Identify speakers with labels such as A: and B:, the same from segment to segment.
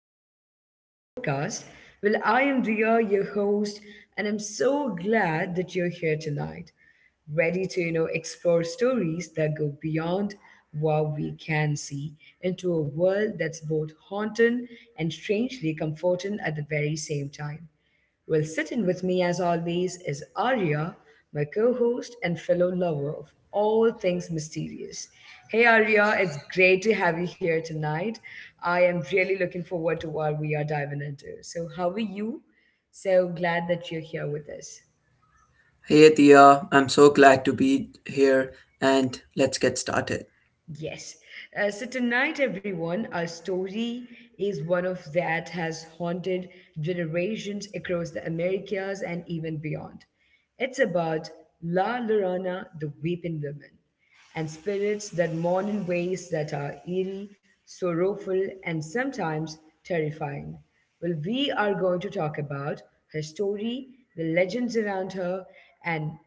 A: episode of our podcast. Well, I am Dia, your host, and I'm so glad that you're here tonight, ready to explore stories that go beyond what we can see into a world that's both haunting and strangely comforting at the very same time. Well, sitting with me as always is Arya, my co host and fellow lover of all things mysterious. Hey Arya, it's great to have you here tonight. I am really looking forward to what we are diving into. So, how are you? So glad that you're here with us.
B: Hey Tia. I'm so glad to be here and let's get started.
A: Yes. So tonight, everyone, our story is one of that has haunted generations across the Americas and even beyond. It's about La Llorona, the Weeping Woman, and spirits that mourn in ways that are eerie, sorrowful, and sometimes terrifying. Well, we are going to talk about her story, the legends around her, and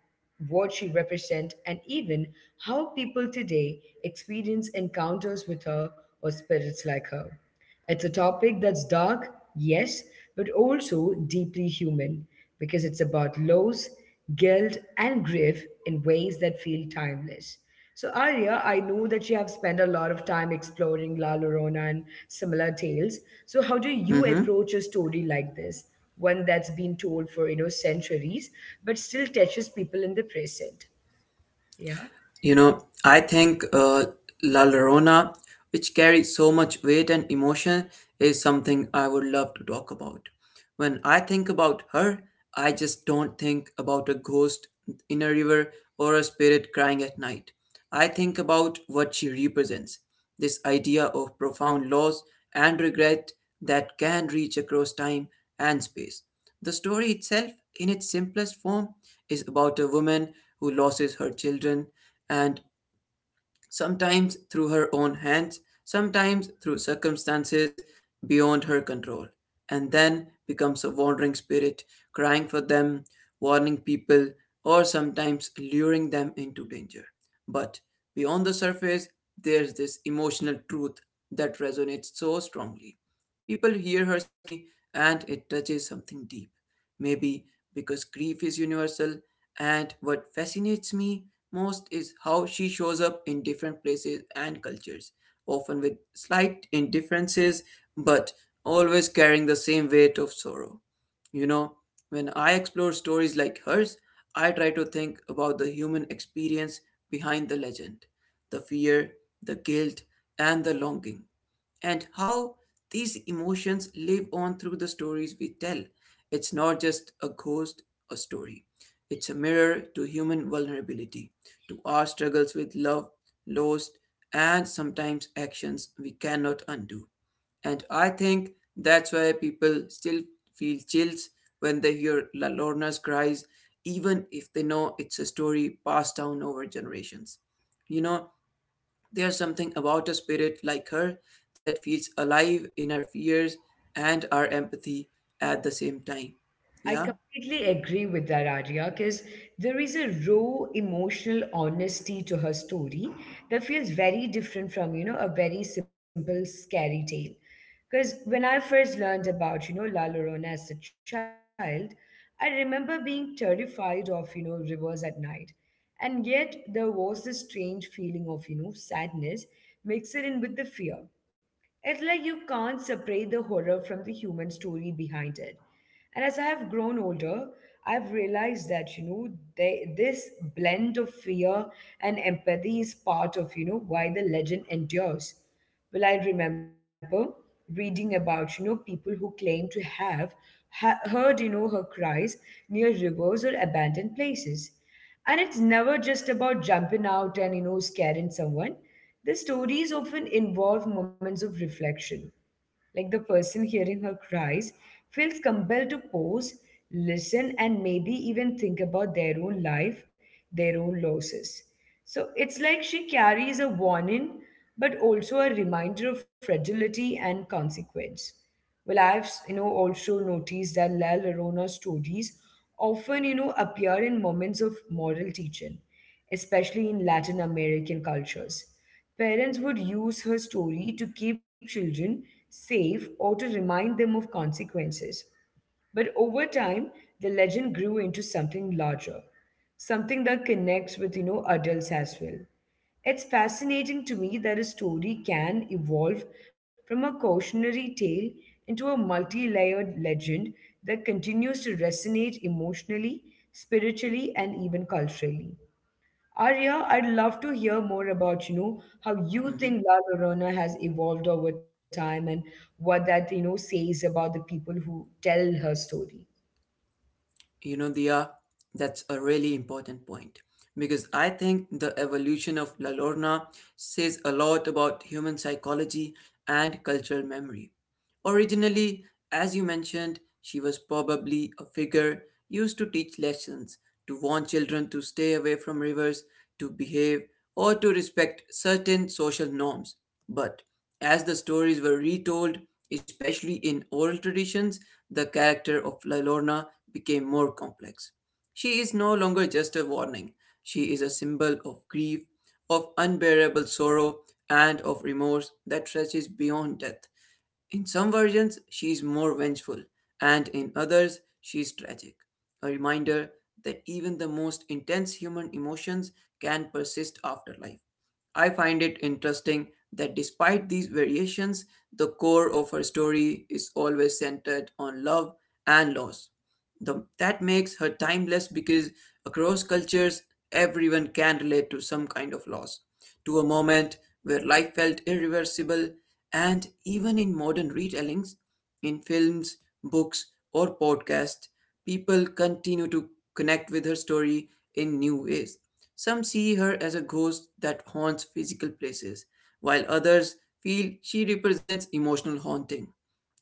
A: what she represents, and even how people today experience encounters with her or spirits like her. It's a topic that's dark, yes, but also deeply human because it's about loss, guilt, and grief in ways that feel timeless. So, Arya, I know that you have spent a lot of time exploring La Llorona and similar tales. So, how do you
B: hmm
A: approach a story like this, one that's been told for centuries, but still touches people in the present? Yeah.
B: You know, I think La Llorona, which carries so much weight and emotion, is something I would love to talk about. When I think about her, I just don't think about a ghost in a river or a spirit crying at night. I think about what she represents, this idea of profound loss and regret that can reach across time and space. The story itself, in its simplest form, is about a woman who loses her children, and sometimes through her own hands, sometimes through circumstances beyond her control, and then becomes a wandering spirit, crying for them, warning people, or sometimes luring them into danger. But beyond the surface, there's this emotional truth that resonates so strongly. People hear her story and it touches something deep. Maybe because grief is universal, and what fascinates me most is how she shows up in different places and cultures, often with slight indifferences, but always carrying the same weight of sorrow. You know, when I explore stories like hers, I try to think about the human experience behind the legend, the fear, the guilt, and the longing, and how these emotions live on through the stories we tell. It's not just a ghost, a story. It's a mirror to human vulnerability, to our struggles with love, loss, and sometimes actions we cannot undo. And I think that's why people still feel chills when they hear La Lorna's cries, even if they know it's a story passed down over generations. You know, there's something about a spirit like her that feels alive in our fears and our empathy at the same time.
A: I
B: Yeah?
A: completely agree with that, Arya, because there is a raw emotional honesty to her story that feels very different from, a very simple scary tale. Because when I first learned about, La Llorona as a child, I remember being terrified of, rivers at night. And yet there was this strange feeling of, sadness mixed in with the fear. It's like you can't separate the horror from the human story behind it. And as I have grown older, I've realized that, this blend of fear and empathy is part of, why the legend endures. Well, I remember reading about, people who claim to have heard, her cries near rivers or abandoned places. And it's never just about jumping out and, scaring someone. The stories often involve moments of reflection, like the person hearing her cries feels compelled to pause, listen, and maybe even think about their own life, their own losses. So it's like she carries a warning, but also a reminder of fragility and consequence. Well, I've also noticed that La Llorona stories often appear in moments of moral teaching, especially in Latin American cultures. Parents would use her story to keep children safe or to remind them of consequences. But over time, the legend grew into something larger, something that connects with, adults as well. It's fascinating to me that a story can evolve from a cautionary tale into a multi-layered legend that continues to resonate emotionally, spiritually, and even culturally. Arya, I'd love to hear more about, how you
B: Hmm.
A: think La Llorona has evolved over time and what that, says about the people who tell her story.
B: You know, Dia, that's a really important point, because I think the evolution of La Lorna says a lot about human psychology and cultural memory. Originally, as you mentioned, she was probably a figure used to teach lessons, to warn children to stay away from rivers, to behave, or to respect certain social norms. But as the stories were retold, especially in oral traditions, the character of La Lorna became more complex. She is no longer just a warning, she is a symbol of grief, of unbearable sorrow, and of remorse that stretches beyond death. In some versions, she is more vengeful, and in others, she is tragic. A reminder that even the most intense human emotions can persist after life. I find it interesting that despite these variations, the core of her story is always centered on love and loss. The, that makes her timeless because across cultures, everyone can relate to some kind of loss, to a moment where life felt irreversible, and even in modern retellings, in films, books, or podcasts, people continue to connect with her story in new ways. Some see her as a ghost that haunts physical places, while others feel she represents emotional haunting,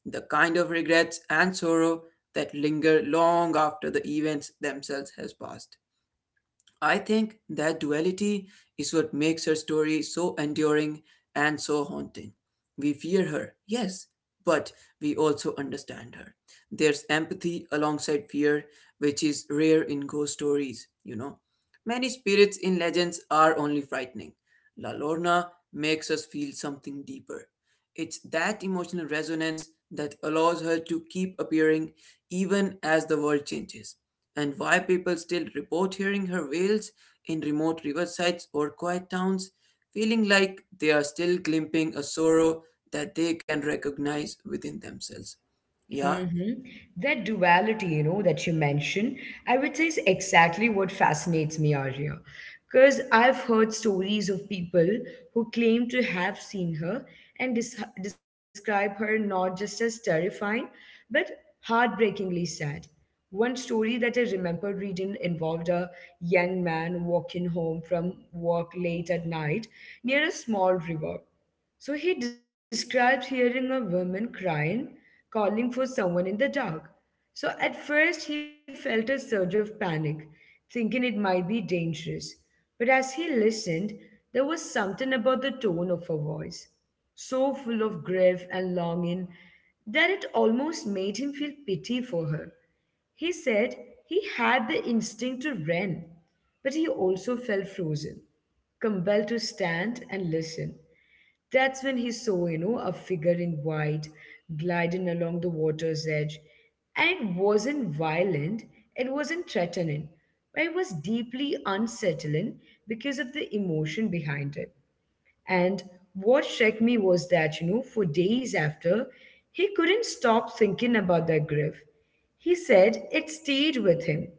B: the kind of regrets and sorrow that linger long after the events themselves has passed. I think that duality is what makes her story so enduring and so haunting. We fear her, yes, but we also understand her. There's empathy alongside fear, which is rare in ghost stories, you know. Many spirits in legends are only frightening. La Lorna makes us feel something deeper. It's that emotional resonance that allows her to keep appearing even as the world changes, and why people still report hearing her wails in remote riversides or quiet towns, feeling like they are still glimpsing a sorrow that they can recognize within themselves. Yeah,
A: Mm-hmm. That duality, that you mentioned, I would say is exactly what fascinates me, Arya. Because I've heard stories of people who claim to have seen her and describe her not just as terrifying, but heartbreakingly sad. One story that I remember reading involved a young man walking home from work late at night near a small river. So he describes hearing a woman crying, calling for someone in the dark. So at first he felt a surge of panic, thinking it might be dangerous. But as he listened, there was something about the tone of her voice, so full of grief and longing that it almost made him feel pity for her. He said he had the instinct to run, but he also felt frozen, compelled to stand and listen. That's when he saw, a figure in white gliding along the water's edge. And it wasn't violent, it wasn't threatening, but it was deeply unsettling because of the emotion behind it. And what struck me was that, for days after, he couldn't stop thinking about that grief. He said it stayed with him,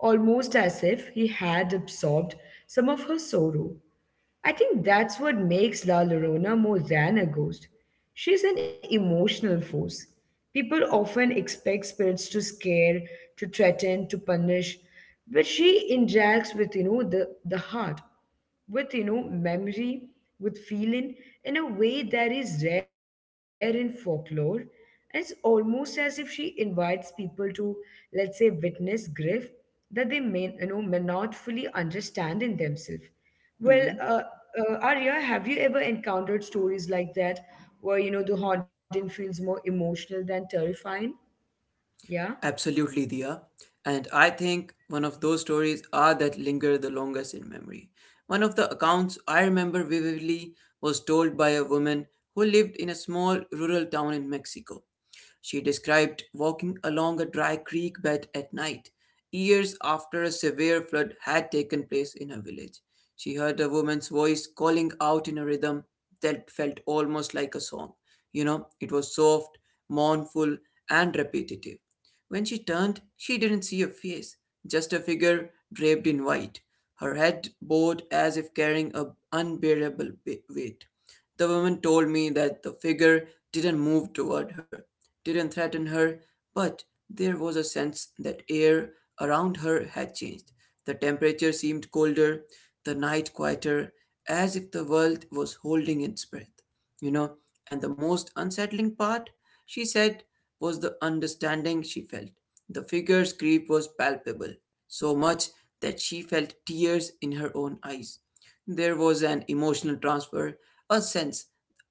A: almost as if he had absorbed some of her sorrow. I think that's what makes La Llorona more than a ghost. She's an emotional force. People often expect spirits to scare, to threaten, to punish, but she interacts with the heart, with memory, with feeling in a way that is rare in folklore. And it's almost as if she invites people to, let's say, witness grief that they may may not fully understand in themselves. Well,
B: mhm,
A: Arya, have you ever encountered stories like that where, the haunting feels more emotional than terrifying? Yeah.
B: absolutely, Dia. And I think one of those stories are that linger the longest in memory. One of the accounts I remember vividly was told by a woman who lived in a small rural town in Mexico. She described walking along a dry creek bed at night, years after a severe flood had taken place in her village. She heard a woman's voice calling out in a rhythm that felt almost like a song. You know, it was soft, mournful, and repetitive. When she turned, she didn't see a face, just a figure draped in white, her head bowed as if carrying an unbearable weight. The woman told me that the figure didn't move toward her, didn't threaten her, but there was a sense that air around her had changed. The temperature seemed colder, the night quieter, as if the world was holding its breath. You know, and the most unsettling part, she said, was the understanding she felt. The figure's grief was palpable, so much that she felt tears in her own eyes. There was an emotional transfer, a sense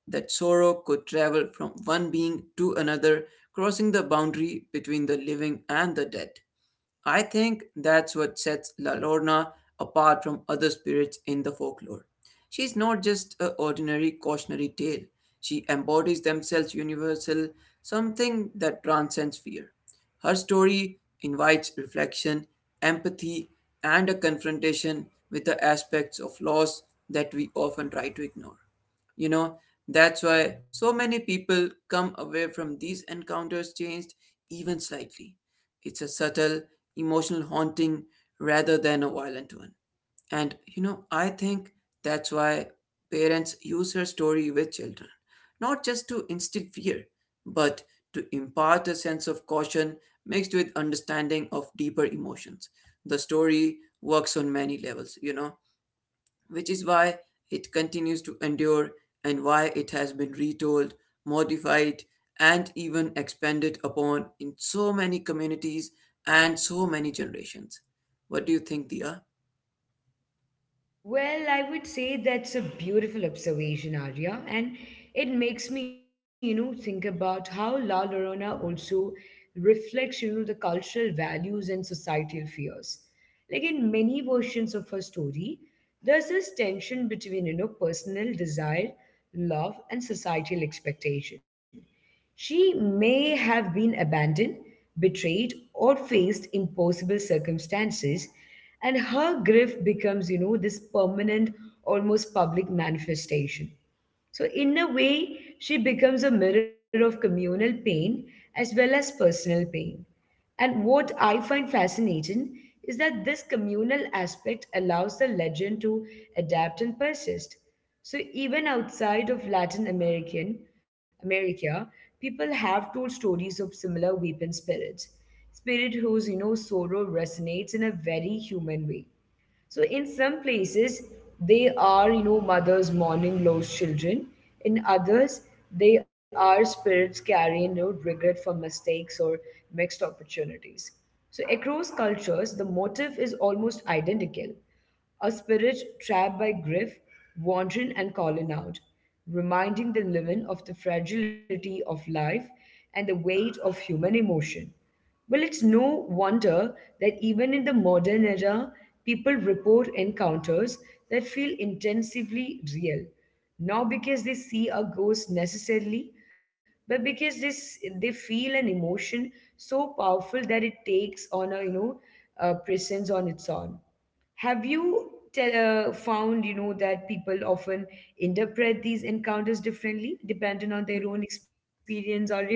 B: that sorrow could travel from one being to another, crossing the boundary between the living and the dead. I think that's what sets La Lorna apart from other spirits in the folklore. She's not just an ordinary cautionary tale. She embodies themselves universal, something that transcends fear. Her story invites reflection, empathy, and a confrontation with the aspects of loss that we often try to ignore. You know, that's why so many people come away from these encounters changed, even slightly. It's a subtle, emotional haunting rather than a violent one. And you know, I think that's why parents use her story with children, not just to instill fear, but to impart a sense of caution mixed with understanding of deeper emotions. The story works on many levels, you know, which is why it continues to endure and why it has been retold, modified, and even expanded upon in so many communities and so many generations. What do you think, Dia?
A: Well, I would say that's a beautiful observation, Arya, and it makes me, think about how La Llorona also reflects, the cultural values and societal fears. Like in many versions of her story, there's this tension between, personal desire, love, and societal expectation. She may have been abandoned, betrayed, or faced impossible circumstances, and her grief becomes, this permanent, almost public manifestation. So, in a way, she becomes a mirror of communal pain as well as personal pain. And what I find fascinating is that this communal aspect allows the legend to adapt and persist. So even outside of Latin American America, people have told stories of similar weapon spirits, spirit whose sorrow resonates in a very human way. So in some places, they are, mothers mourning lost children. In others, they are spirits carrying, regret for mistakes or mixed opportunities. So across cultures, the motive is almost identical a spirit trapped by Griff, wandering and calling out, reminding the living of the fragility of life and the weight of human emotion. Well, it's no wonder that even in the modern era, people report encounters that feel intensively real, not because they see a ghost necessarily, but because this they feel an emotion so powerful that it takes on a you know a presence on its own. Have you found, that people often interpret these encounters differently, depending on their own experience or?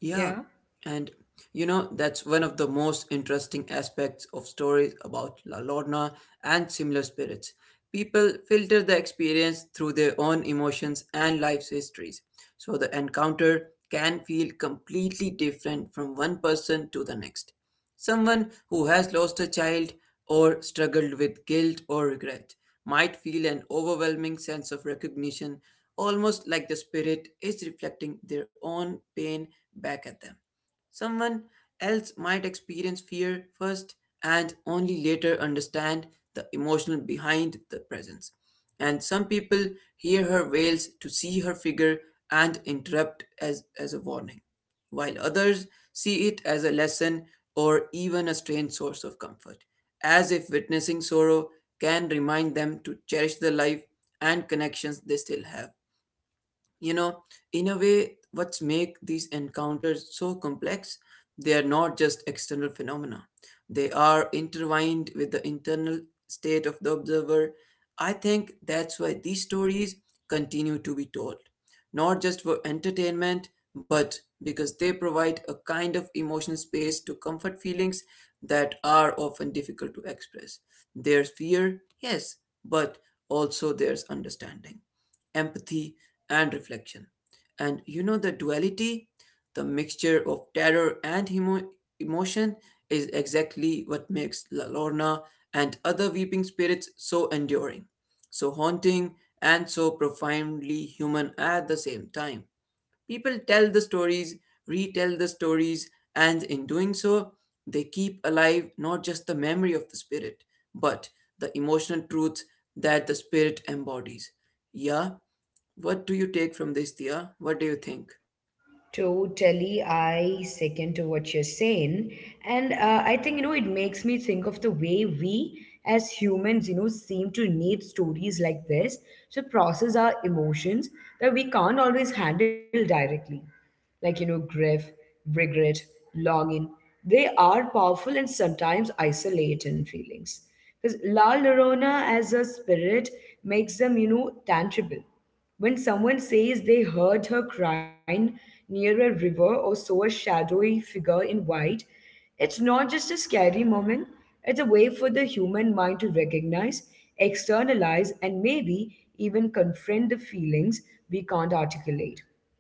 B: Yeah,
A: Yeah.
B: and you know, that's one of the most interesting aspects of stories about La Lorna and similar spirits. People filter the experience through their own emotions and life's histories, so the encounter can feel completely different from one person to the next. Someone who has lost a child or struggled with guilt or regret might feel an overwhelming sense of recognition, almost like the spirit is reflecting their own pain back at them. Someone else might experience fear first and only later understand the emotional behind the presence, and some people hear her wails to see her figure and interrupt as a warning, while others see it as a lesson or even a strange source of comfort, as if witnessing sorrow can remind them to cherish the life and connections they still have. You know, in a way, what's make these encounters so complex, they are not just external phenomena, they are intertwined with the internal state of the observer. I think that's why these stories continue to be told, not just for entertainment, but because they provide a kind of emotional space to comfort feelings that are often difficult to express. There's fear, yes, but also there's understanding, empathy, and reflection. And you know, the duality, the mixture of terror and emotion, is exactly what makes La Lorna and other weeping spirits so enduring, so haunting, and so profoundly human at the same time. People tell the stories, retell the stories, and in doing so, they keep alive not just the memory of the spirit, but the emotional truth that the spirit embodies. Yeah, what do you take from this, Dia? What do you think?
A: Totally, I second to what you're saying. And I think, it makes me think of the way we as humans, seem to need stories like this to process our emotions that we can't always handle directly. Like, grief, regret, longing. They are powerful and sometimes isolating feelings. Because La Llorona as a spirit makes them, tangible when someone says they heard her crying near a river or saw a shadowy figure in white, it's not just a scary moment, it's a way for the human mind to recognize, externalize, and maybe even confront the feelings we can't articulate.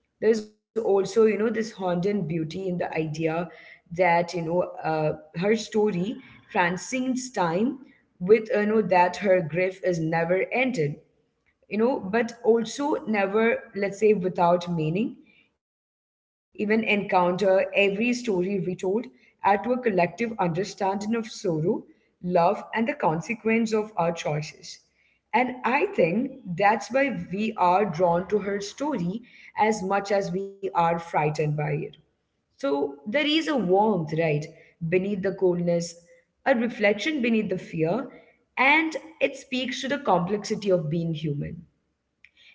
A: There's also this haunting beauty in the idea that her story transcends time with that her grief is never ended but also never, let's say, without meaning, even encounter every story retold, add to a collective understanding of sorrow, love, and the consequence of our choices. And I think that's why we are drawn to her story as much as we are frightened by it. So there is a warmth, right, beneath the coldness, a reflection beneath the fear, and it speaks to the complexity of being human.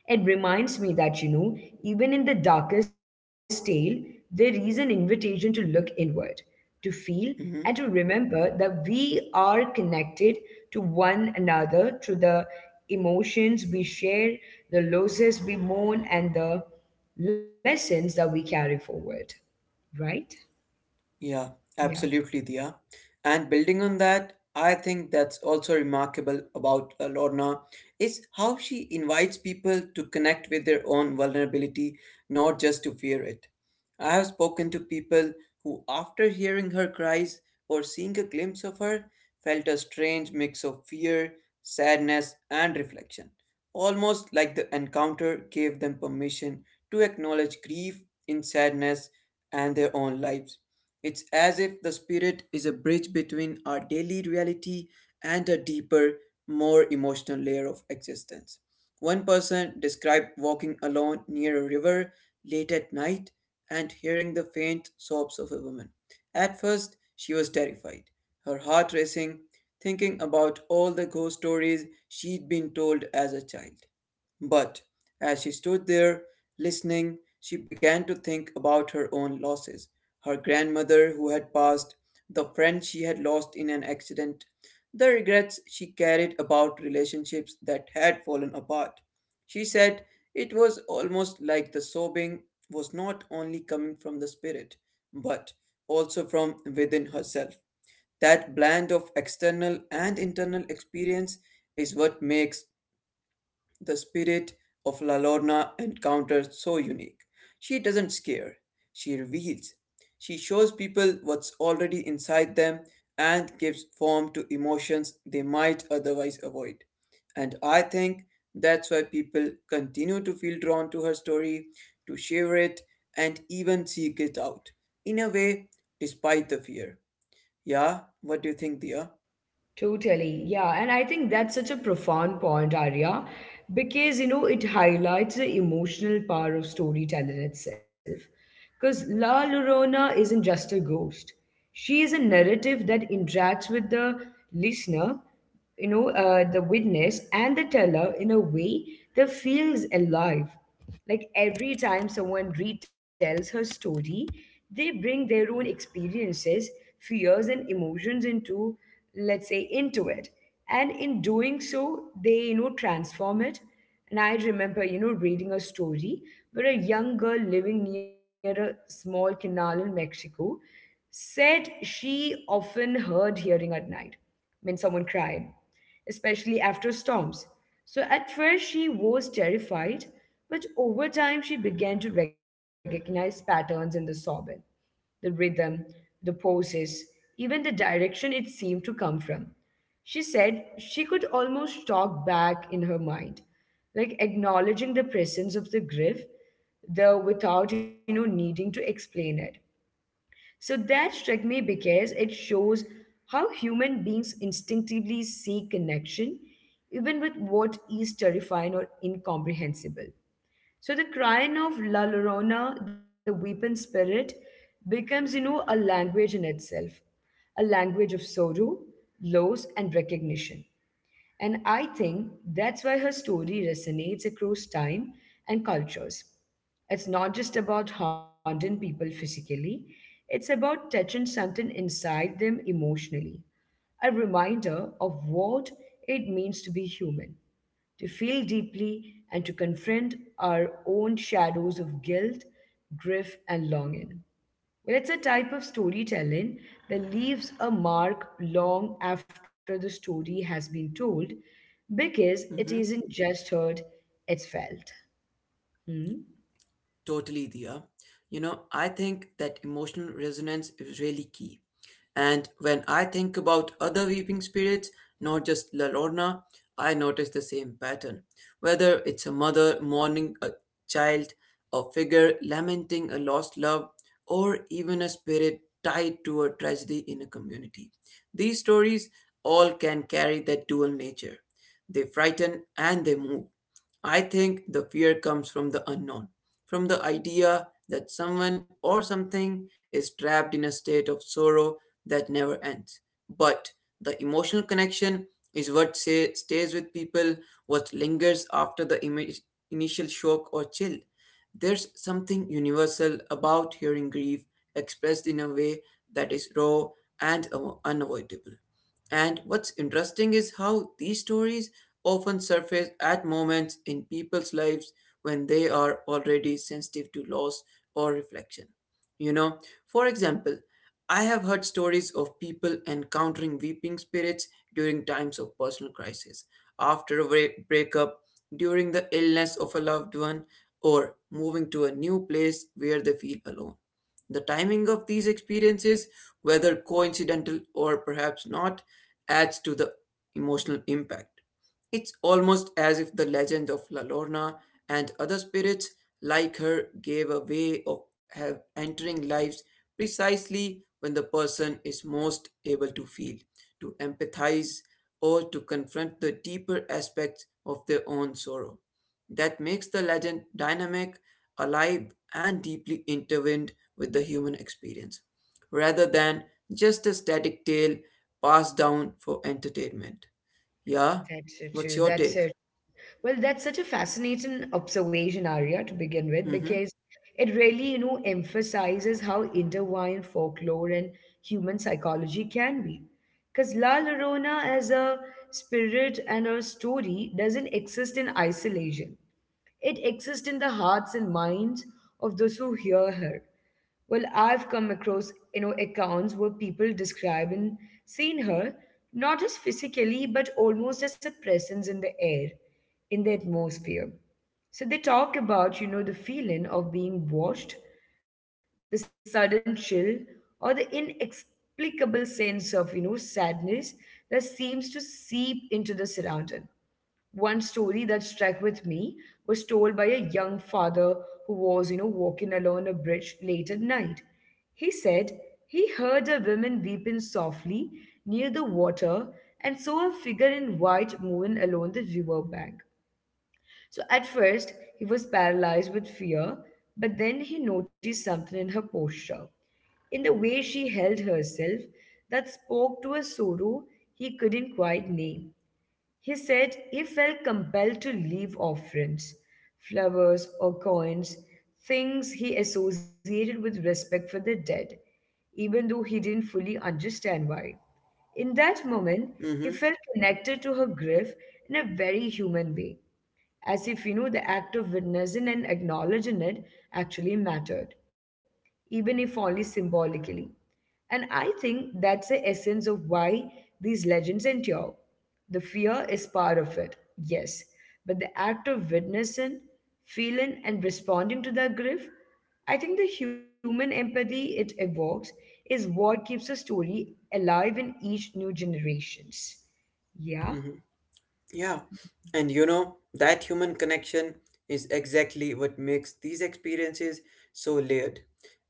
A: It reminds me that, even in the darkest tale, there is an invitation to look inward, to feel, and to
B: Hmm.
A: remember that we are connected to one another through the emotions we share, the losses we mourn, and the lessons that we carry forward, right?
B: Yeah,
A: Yeah,
B: absolutely, Dia. And building on that, I think that's also remarkable about Lorna is how she invites people to connect with their own vulnerability, not just to fear it. I have spoken to people who, after hearing her cries or seeing a glimpse of her, felt a strange mix of fear, sadness, and reflection, almost like the encounter gave them permission to acknowledge grief in sadness and their own lives. It's as if the spirit is a bridge between our daily reality and a deeper, more emotional layer of existence. One person described walking alone near a river late at night and hearing the faint sobs of a woman. At first, she was terrified, her heart racing, thinking about all the ghost stories she'd been told as a child. But as she stood there, listening, she began to think about her own losses, her grandmother who had passed, the friend she had lost in an accident, the regrets she carried about relationships that had fallen apart. She said it was almost like the sobbing was not only coming from the spirit, but also from within herself. That blend of external and internal experience is what makes the spirit of La Lorna encounters so unique. She doesn't scare, she reveals. She shows people what's already inside them and gives form to emotions they might otherwise avoid. And I think that's why people continue to feel drawn to her story, to share it, and even seek it out. In a way, despite the fear. Yeah, what do you think, Dia?
A: totally. Yeah. And I think that's such a profound point, Arya, because, it highlights the emotional power of storytelling itself. Because La Llorona isn't just a ghost, she is a narrative that interacts with the listener the witness and the teller in a way that feels alive. Like every time someone retells her story, they bring their own experiences, fears, and emotions into, let's say, into it. And in doing so, they, transform it. And I remember, reading a story where a young girl living near a small canal in Mexico said she often heard hearing at night when someone cried, especially after storms. So at first she was terrified, but over time she began to recognize patterns in the sobbing, the rhythm, the poses, even the direction it seemed to come from. She said she could almost talk back in her mind, like acknowledging the presence of the grief, though without needing to explain it. So that struck me because it shows how human beings instinctively seek connection, even with what is terrifying or incomprehensible. So the crying of La Llorona, the weeping spirit, becomes a language in itself, a language of sorrow, loss, and recognition. And I think that's why her story resonates across time and cultures. It's not just about haunting people physically, it's about touching something inside them emotionally, a reminder of what it means to be human, to feel deeply and to confront our own shadows of guilt, grief, and longing. Well, it's a type of storytelling that leaves a mark long after the story has been told because it isn't just heard, it's felt. Hmm?
B: Totally, Dia. You know, I think that emotional resonance is really key. And when I think about other weeping spirits, not just La Llorona, I notice the same pattern. Whether it's a mother mourning a child, a figure lamenting a lost love, or even a spirit tied to a tragedy in a community. These stories all can carry that dual nature. They frighten and they move. I think the fear comes from the unknown, from the idea that someone or something is trapped in a state of sorrow that never ends. But the emotional connection is what say, stays with people, what lingers after the initial shock or chill. There's something universal about hearing grief expressed in a way that is raw and unavoidable. And what's interesting is how these stories often surface at moments in people's lives when they are already sensitive to loss or reflection. You know, for example, I have heard stories of people encountering weeping spirits during times of personal crisis, after a breakup, during the illness of a loved one, or moving to a new place where they feel alone. The timing of these experiences, whether coincidental or perhaps not, adds to the emotional impact. It's almost as if the legend of La Lorna and other spirits like her gave a way of have entering lives precisely when the person is most able to feel, to empathize, or to confront the deeper aspects of their own sorrow. That makes the legend dynamic, alive, and deeply intertwined with the human experience, rather than just a static tale passed down for entertainment. Yeah,
A: That's so
B: what's
A: true.
B: your
A: That's
B: take?
A: so well, that's such a fascinating observation, Arya, to begin with,
B: Mm-hmm.
A: because it really emphasizes how intertwined folklore and human psychology can be. Because La Llorona as a spirit and a story doesn't exist in isolation. It exists in the hearts and minds of those who hear her. Well, I've come across accounts where people describe and seen her not just physically but almost as a presence in the air, in the atmosphere. So they talk about the feeling of being watched, the sudden chill, or the inexplicable sense of sadness that seems to seep into the surrounding. One story that struck with me was told by a young father who was walking along a bridge late at night. He said he heard a woman weeping softly near the water and saw a figure in white moving along the river bank. So at first, he was paralyzed with fear, but then he noticed something in her posture in the way she held herself that spoke to a sorrow he couldn't quite name. He said he felt compelled to leave offerings, flowers, or coins, things he associated with respect for the dead, even though he didn't fully understand why. In that moment, he
B: Mm-hmm.
A: felt connected to her grief in a very human way, as if the act of witnessing and acknowledging it actually mattered, even if only symbolically. And I think that's the essence of why these legends endure. The fear is part of it, yes, but the act of witnessing, feeling, and responding to that grief, I think the human empathy it evokes is what keeps the story alive in each new generations. Yeah.
B: Mm-hmm. Yeah, and you know, that human connection is exactly what makes these experiences so layered.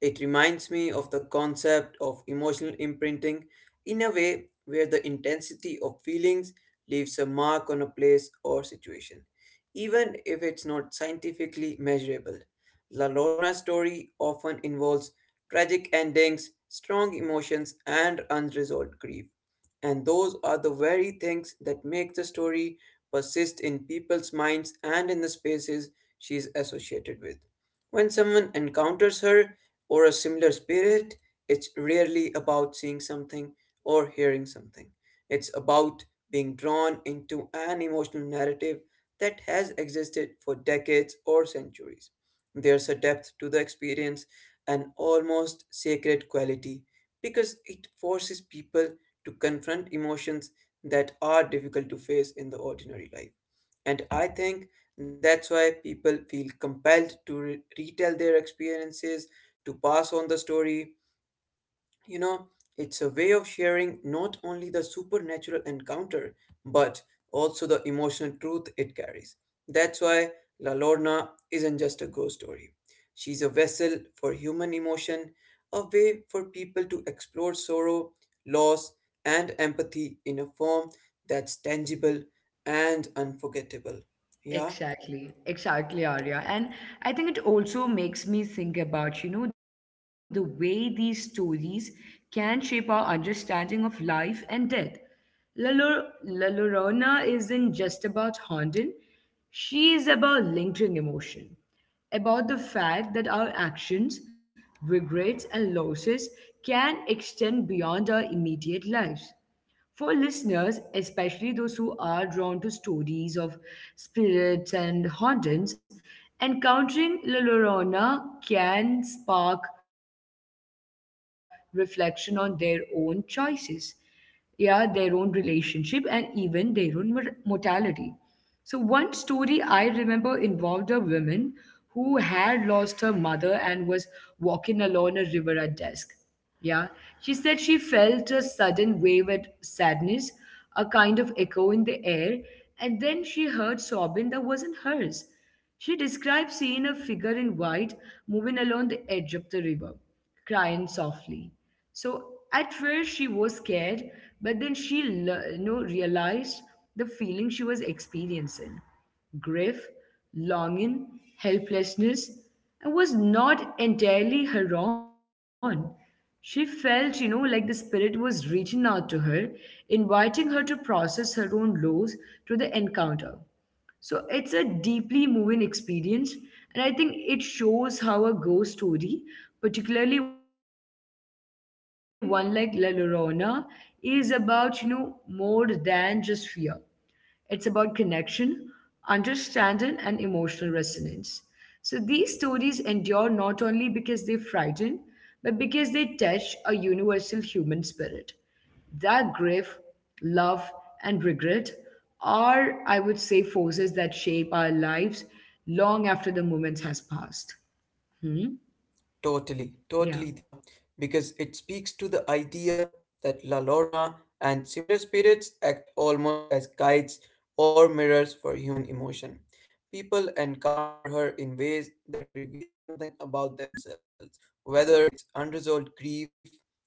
B: It reminds me of the concept of emotional imprinting in a way where the intensity of feelings leaves a mark on a place or situation, even if it's not scientifically measurable. La Lorna's story often involves tragic endings, strong emotions, and unresolved grief, and those are the very things that make the story persist in people's minds and in the spaces she is associated with. When someone encounters her or a similar spirit, it's rarely about seeing something or hearing something. It's about being drawn into an emotional narrative that has existed for decades or centuries. There's a depth to the experience, an almost sacred quality, because it forces people to confront emotions that are difficult to face in the ordinary life. And I think that's why people feel compelled to retell their experiences, to pass on the story. You know, it's a way of sharing not only the supernatural encounter, but also the emotional truth it carries. That's why La Lorna isn't just a ghost story. She's a vessel for human emotion, a way for people to explore sorrow, loss, and empathy in a form that's tangible and unforgettable. Yeah?
A: Exactly, exactly, Arya. And I think it also makes me think about the way these stories can shape our understanding of life and death. La Llorona isn't just about haunting, she is about lingering emotion, about the fact that our actions, regrets, and losses can extend beyond our immediate lives. For listeners, especially those who are drawn to stories of spirits and hauntings, encountering La Llorona can spark reflection on their own choices, yeah, their own relationship, and even their own mortality. So, one story I remember involved a woman who had lost her mother and was walking along a river at dusk. Yeah, she said she felt a sudden wave of sadness, a kind of echo in the air, and then she heard sobbing that wasn't hers. She described seeing a figure in white moving along the edge of the river, crying softly. So at first she was scared, but then she realized the feeling she was experiencing. Grief, longing, helplessness, and was not entirely her own. She felt like the spirit was reaching out to her, inviting her to process her own loss through the encounter. So it's a deeply moving experience, and I think it shows how a ghost story, particularly one like La Llorona, is about more than just fear. It's about connection, understanding, and emotional resonance. So these stories endure not only because they frighten, but because they touch a universal human spirit. That grief, love, and regret are, I would say, forces that shape our
B: Mm-hmm.
A: lives long after the moment has passed. Hmm?
B: Totally, totally, Dia,
A: Yeah.
B: because it speaks to the idea that La Lorna and similar spirits act almost as guides or mirrors for human emotion. People encounter her in ways that reveal something about themselves, whether it's unresolved grief,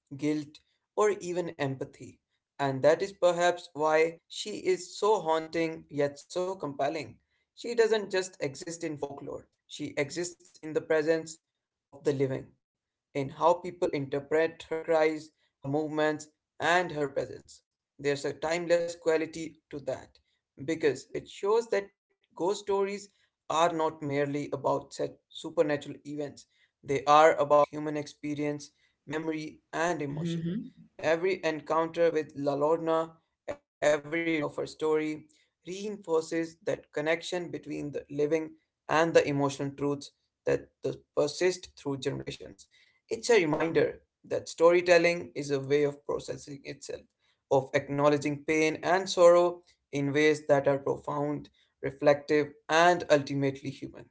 B: guilt, or even empathy. And that is perhaps why she is so haunting yet so compelling. She doesn't just exist in folklore, she exists in the presence of the living, in how people interpret her cries, her movements, and her presence. There's a timeless quality to that because it shows that ghost stories are not merely about such supernatural events, they are about human experience, memory, and emotion.
A: Hmm.
B: Every encounter with La Lorna, every retelling of her story, reinforces that connection between the living and the emotional truths that persist through generations. It's a reminder that storytelling is a way of processing itself, of acknowledging pain and sorrow in ways that are profound, reflective, and ultimately human.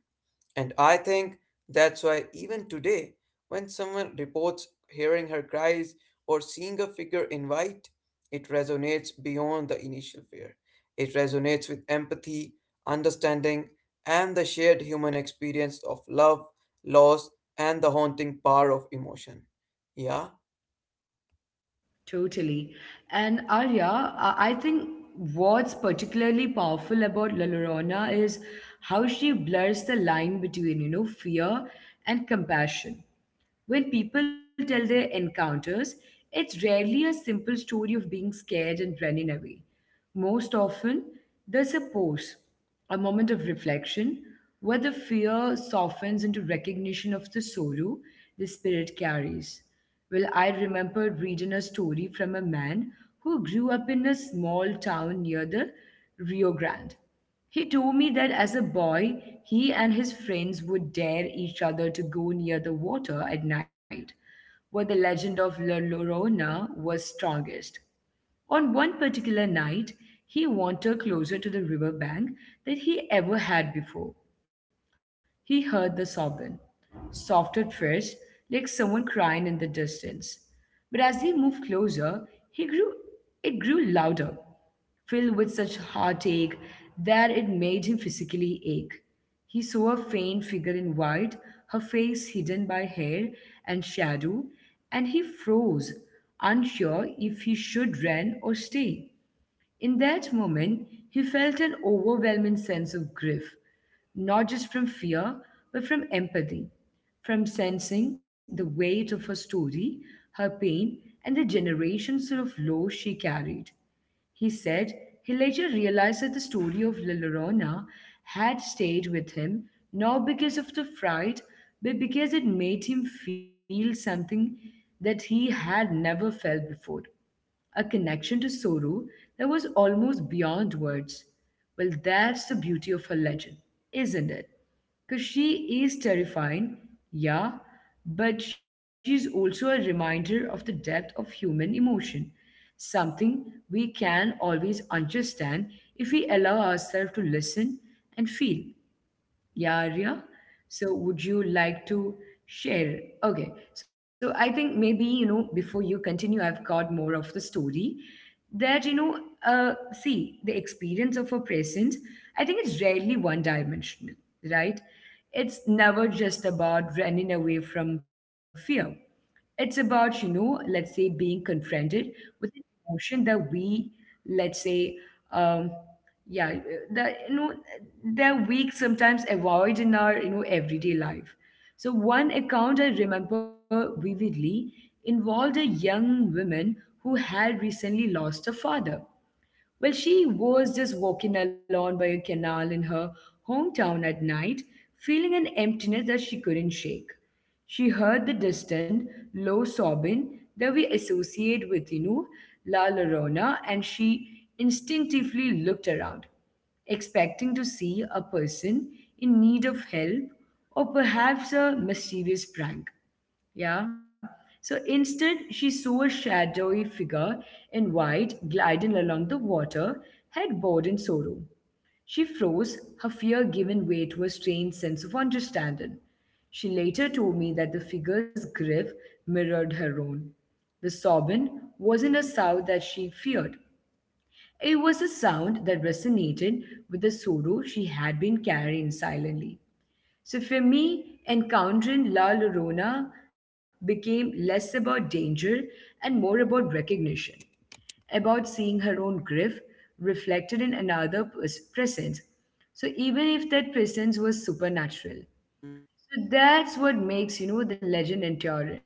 B: And I think that's why, even today, when someone reports hearing her cries or seeing a figure in white, it resonates beyond the initial fear. It resonates with empathy, understanding, and the shared human experience of love, loss, and the haunting power of emotion. Yeah?
A: Totally. And Arya, I think what's particularly powerful about La Llorona is how she blurs the line between fear and compassion. When people tell their encounters, it's rarely a simple story of being scared and running away. Most often, there's a pause a moment of reflection where the fear softens into recognition of the sorrow the spirit carries. Well, I remember reading a story from a man who grew up in a small town near the Rio Grande. He told me that as a boy, he and his friends would dare each other to go near the water at night, where the legend of La Llorona was strongest. On one particular night, he wandered closer to the river bank than he ever had before. He heard the sobbing, soft at first, like someone crying in the distance. But as he moved closer, he grew it grew louder, filled with such heartache that it made him physically ache. He saw a faint figure in white, her face hidden by hair and shadow, and he froze, unsure if he should run or stay. In that moment, he felt an overwhelming sense of grief, not just from fear, but from empathy, from sensing the weight of her story, her pain, and the generations of loss she carried. He said he later realized that the story of La Llorona had stayed with him not because of the fright, but because it made him feel something that he had never felt before a connection to Soru that was almost beyond words. Well, that's the beauty of her legend, isn't it? Because she is terrifying, yeah, but she's also a reminder of the depth of human emotion, something we can always understand if we allow ourselves to listen and feel. Yeah, Arya. So, would you like to share? Okay. So, I think maybe before you continue, I've got more of the story that see, the experience of a present, I think it's rarely one dimensional, right? It's never just about running away from fear. It's about let's say being confronted with an emotion that we, let's say, um, yeah the you know they're weak sometimes avoid in our everyday life. So one account I remember vividly involved a young woman who had recently lost her father. Well, she was just walking along by a canal in her hometown at night, feeling an emptiness that she couldn't shake. She heard the distant, low sobbing that we associate with La Llorona, and she instinctively looked around, expecting to see a person in need of help or perhaps a mischievous prank. Yeah. So instead, she saw a shadowy figure in white gliding along the water, head bowed in sorrow. She froze, her fear giving way to a strange sense of understanding. She later told me that the figure's grief mirrored her own. The sobbing wasn't a sound that she feared. It was a sound that resonated with the sorrow she had been carrying silently. So for me, encountering La Llorona became less about danger and more about recognition, about seeing her own grief reflected in another presence. So even if that presence was
B: Mm-hmm.
A: supernatural. So that's what makes the legend enduring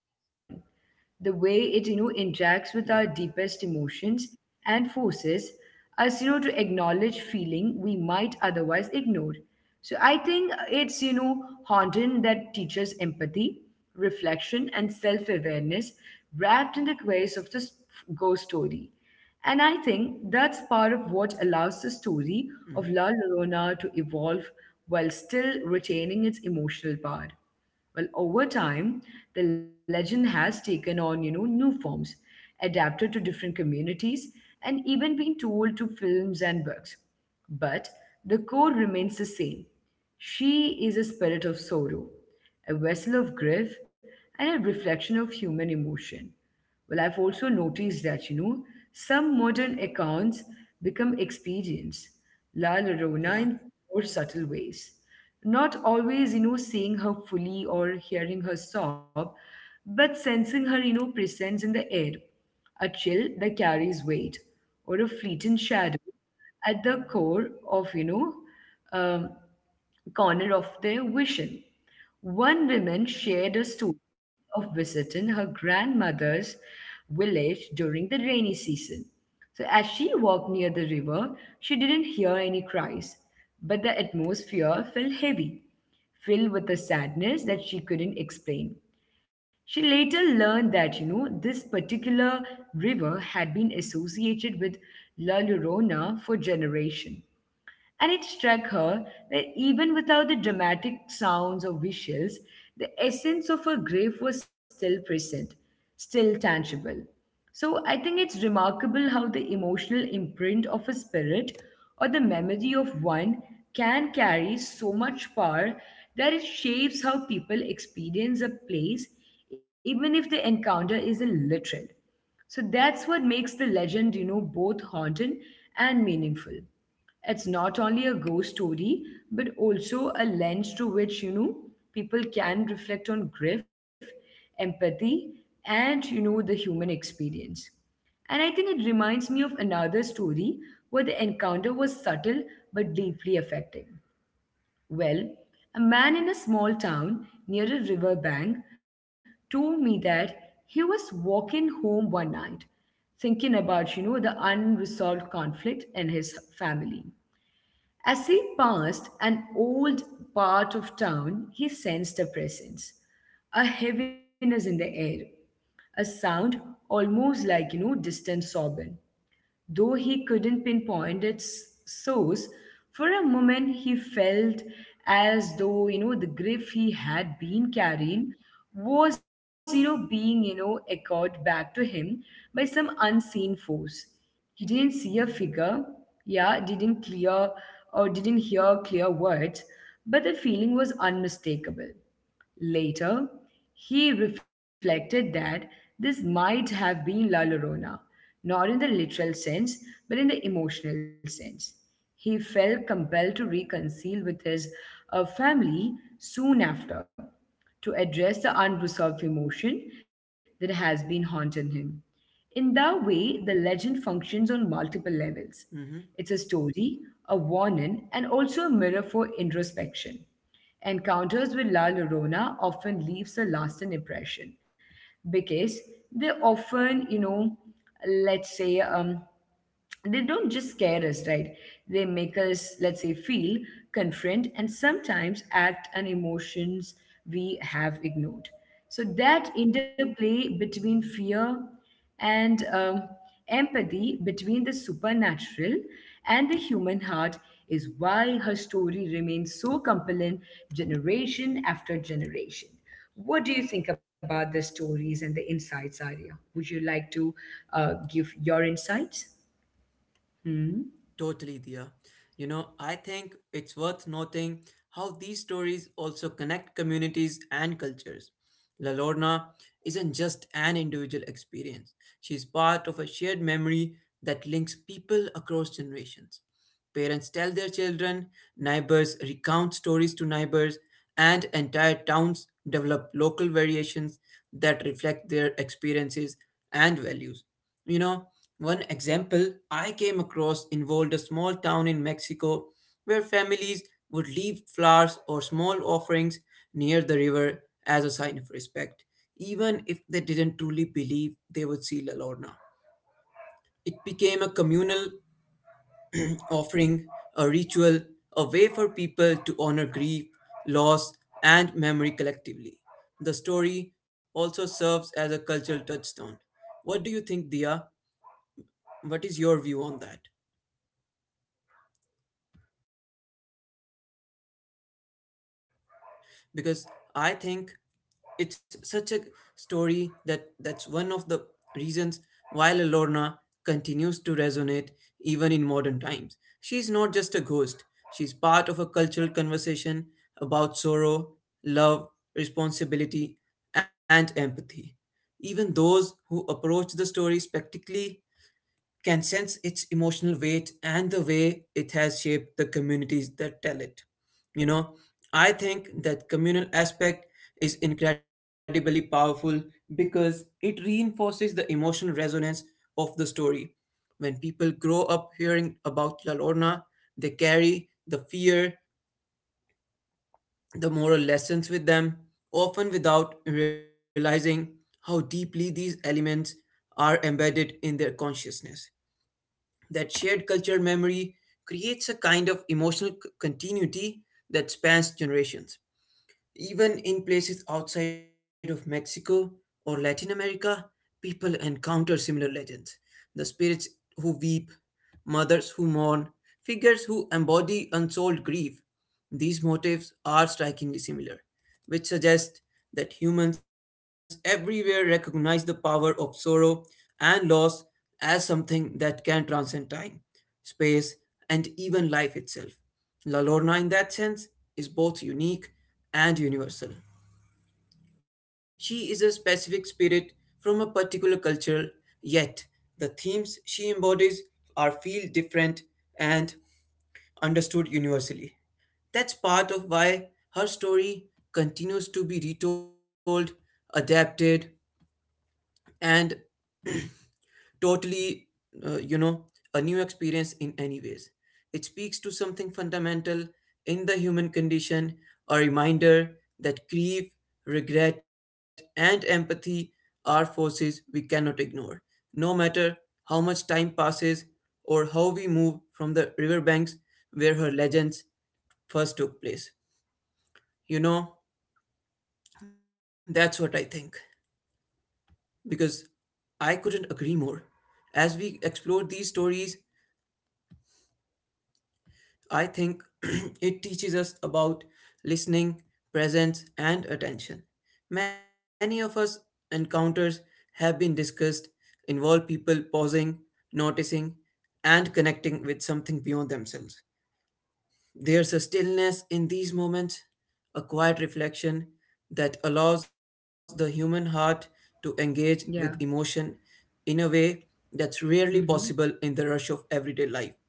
A: the way it interacts with our
B: Yeah.
A: deepest emotions and forces us to acknowledge feeling we might otherwise ignore. So I think it's haunting that teaches empathy reflection and self-awareness wrapped in the grace of this ghost story. And I think that's part of what allows the
B: Mm-hmm.
A: story of La Llorona to evolve while still retaining its emotional power. Well, over time,
B: Yeah.
A: the legend has taken on new forms, adapted to different communities, and even been told to films and books. But the core remains the same. She is a spirit of sorrow, a vessel of grief, and a reflection of human emotion. Well, I've also noticed that some modern accounts become expedients,
B: Yeah.
A: La Llorona in more subtle ways. Not always seeing her fully or hearing her sob, but sensing her presence in the air, a chill that carries weight, or a fleeting shadow at the core of, um, corner of their vision. One woman shared a story of visiting her grandmother's village during the rainy season. So, as she walked near the river, she didn't hear any cries, but the atmosphere felt heavy, filled with a sadness that she couldn't explain. She later learned that this particular river had been associated with La Llorona for generation. And it struck her that even without the dramatic sounds or visuals, the essence of her grief was still present, still tangible. So I think it's remarkable how the emotional imprint of a spirit or the memory of one can carry so much power that it shapes how people experience a place, even if the encounter isn't literal. So that's what makes the legend, both haunting and meaningful. It's not only a ghost story, but also a lens through which, people can reflect on grief, empathy, and, the human experience. And I think it reminds me of another story where the encounter was subtle but deeply affecting. Well, a man in a small town near a river bank told me that he was walking home one night thinking about the unresolved conflict in his family as he passed an old part of town, he sensed a presence, a heaviness in the air, a sound almost like, distant sobbing. Though he couldn't pinpoint its source, for a moment he felt as though, the grief he had been carrying was, being, echoed back to him by some unseen force. He didn't see a figure, yeah, didn't clear or didn't hear clear words, but the feeling was unmistakable. Later, he reflected that this might have been La Llorona, not in the literal sense, but in the emotional sense. He felt compelled to reconcile with his family soon after to address the unresolved emotion that has been haunting him. In that way, the legend functions on multiple levels.
B: Mm-hmm.
A: It's a story, a warning, and also a mirror for introspection. Encounters with La Llorona often leaves a lasting impression because they often, you know, let's say, they don't just scare us, right? They make us, let's say, feel, confront, and sometimes act on emotions we have ignored. So that interplay between fear and empathy between the supernatural and the human heart is why her story remains so compelling generation after generation. What do you think about the stories and the insights, Arya? Would you like to give your insights? Hmm.
B: Totally, Dia. You know, I think it's worth noting how these stories also connect communities and cultures. La Lorna isn't just an individual experience, she's part of a shared memory that links people across generations. Parents tell their children, neighbors recount stories to neighbors, and entire towns develop local variations that reflect their experiences and values. You know, one example I came across involved a small town in Mexico where families would leave flowers or small offerings near the river as a sign of respect, even if they didn't truly believe they would see La Lorna. It became a communal offering, a ritual, a way for people to honor grief, loss, and memory collectively. The story also serves as a cultural touchstone. What do you think, Dia? What is your view on that? Because I think it's such a story that that's one of the reasons why La Lorna continues to resonate even in modern times. She's not just a ghost, she's part of a cultural conversation about sorrow, love, responsibility, and empathy. Even those who approach the story skeptically can sense its emotional weight and the way it has shaped the communities that tell it. You know, I think that communal aspect is incredibly powerful because it reinforces the emotional resonance of the story. When people grow up hearing about La Lorna, they carry the fear, the moral lessons with them, often without realizing how deeply these elements are embedded in their consciousness. That shared cultural memory creates a kind of emotional continuity that spans generations. Even in places outside of Mexico or Latin America, people encounter similar legends. The spirits who weep, mothers who mourn, figures who embody unsolved grief. These motifs are strikingly similar, which suggests that humans everywhere recognize the power of sorrow and loss as something that can transcend time, space, and even life itself. La Lorna, in that sense, is both unique and universal. She is a specific spirit from a particular culture, yet the themes she embodies are feel different and understood universally. That's part of why her story continues to be retold, adapted, and totally, you know, a new experience in any ways. It speaks to something fundamental in the human condition, a reminder that grief, regret, and empathy are forces we cannot ignore. No matter how much time passes or how we move from the riverbanks where her legends first took place. You know, that's what I think. Because I couldn't agree more. As we explore these stories, I think it teaches us about listening, presence, and attention. Many of us encounters have been discussed involve people pausing, noticing, and connecting with something beyond themselves. There's a stillness in these moments, a quiet reflection that allows the human heart to engage with
A: Yeah.
B: emotion in a way that's rarely possible
A: Hmm.
B: in the rush of everyday life.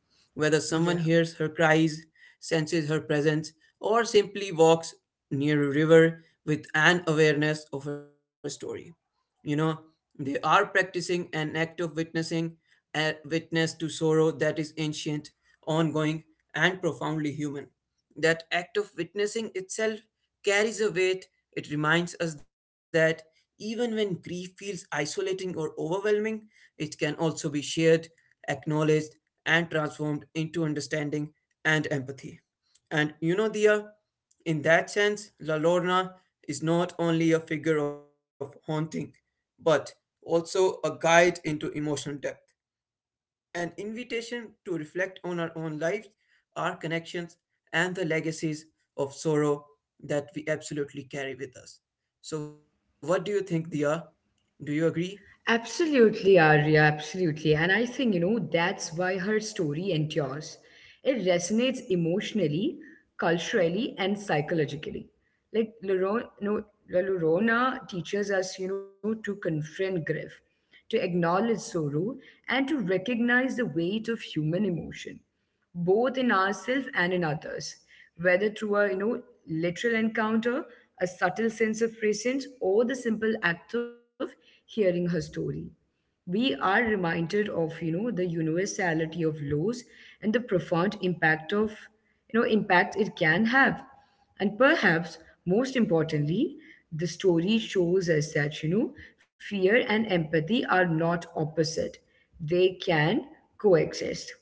B: Whether someone
A: Yeah.
B: hears her cries, senses her presence, or simply walks near a river with an awareness of her story, you know, they are practicing an act of witnessing, a witness to sorrow that is ancient, ongoing, and profoundly human. That act of witnessing itself carries a weight. It reminds us that even when grief feels isolating or overwhelming, it can also be shared, acknowledged, and transformed into understanding and empathy. And you know, Dia, in that sense, La Lorna is not only a figure of haunting, but also a guide into emotional depth, an invitation to reflect on our own lives, our connections, and the legacies of sorrow that we absolutely carry with us. So, what do you think, Dia? Do you agree?
A: Absolutely, Arya, absolutely. And I think, you know, that's why her story endures. It resonates emotionally, culturally, and psychologically. Like Loro- no, La Llorona teaches us, to confront grief, to acknowledge sorrow, and to recognize the weight of human emotion both in ourselves and in others, whether through a literal encounter, a subtle sense of presence, or the simple act of hearing her story. We are reminded of the universality of laws and the profound impact of impact it can have. And perhaps most importantly, the story shows us that, fear and empathy are not opposite, they can coexist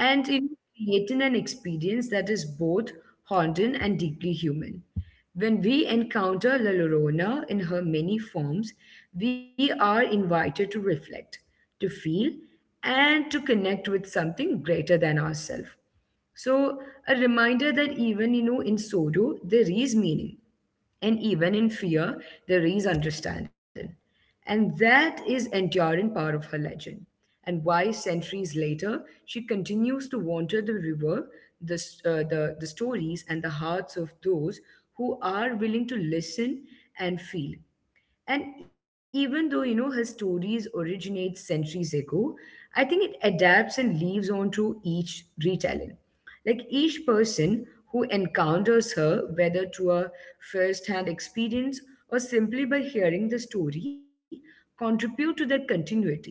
A: and it creating an experience that is both haunting and deeply human. When we encounter La Llorona in her many forms, we are invited to reflect, to feel, and to connect with something greater than ourselves. So, a reminder that even in sorrow there is meaning, and even in fear, there is understanding. And that is enduring part of her legend, and why centuries later she continues to wander the river, the stories, and the hearts of those who are willing to listen and feel. And even though, her stories originate centuries ago, I think it adapts and leaves on to each retelling. Like each person who encounters her, whether through a first-hand experience or simply by hearing the story, contribute to that continuity.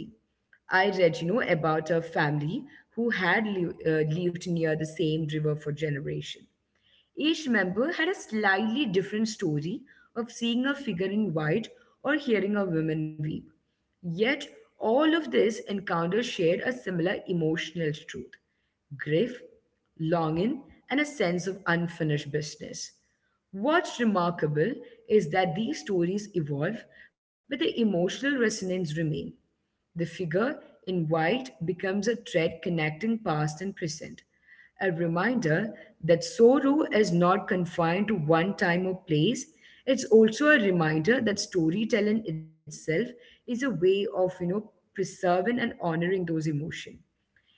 A: I read, about a family who had lived near the same river for generations each member had a slightly different story of seeing a figure in white or hearing a woman weep. Yet, all of these encounters shared a similar emotional truth grief, longing, and a sense of unfinished business. What's remarkable is that these stories evolve, but the emotional resonance remains. The figure in white becomes a thread connecting past and present, a reminder that sorrow is not confined to one time or place. It's also a reminder that storytelling itself is a way of, preserving and honoring those emotions.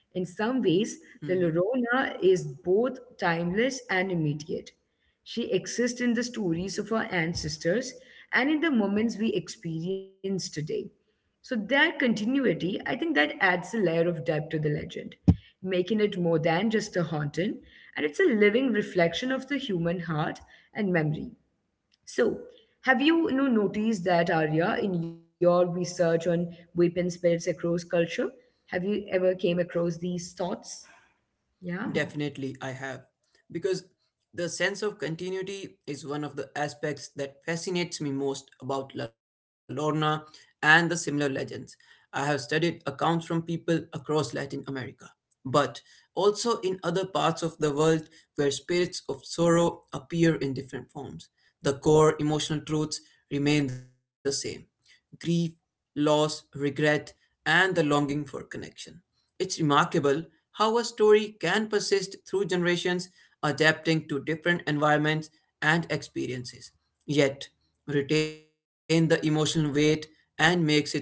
A: In some ways, La
B: Mm-hmm.
A: Llorona is both timeless and immediate. She exists in the stories of our ancestors and in the moments we experience today. So, that continuity, I think that adds a layer of depth to the legend, making it more than just a haunting, and it's a living reflection of the human heart and memory. So, have you, noticed that Arya in your research on weapon spirits across culture? Have you ever came across these thoughts? Yeah.
B: Definitely, I have. Because the sense of continuity is one of the aspects that fascinates me most about La Lorna and the similar legends. I have studied accounts from people across Latin America, but also in other parts of the world where spirits of sorrow appear in different forms. The core emotional truths remain the same, grief, loss, regret, and the longing for connection. It's remarkable how a story can persist through generations, adapting to different environments and experiences, yet retain the emotional weight and makes it memorable.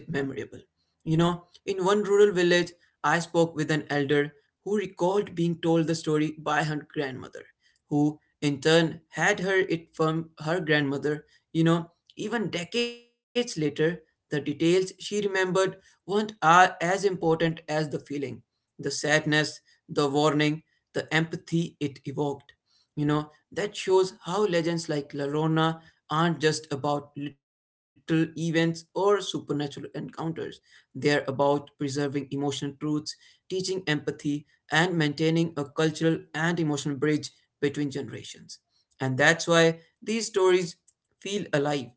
B: You know, in one rural village, I spoke with an elder who recalled being told the story by her grandmother who in turn had her it from her grandmother. You know, even decades later, the details she remembered weren't as important as the feeling, the sadness, the warning, the empathy it evoked. You know, that shows how legends like La Llorona aren't just about little events or supernatural encounters. They are about preserving emotional truths, teaching empathy, and maintaining a cultural and emotional bridge between generations. And that's why these stories feel alive.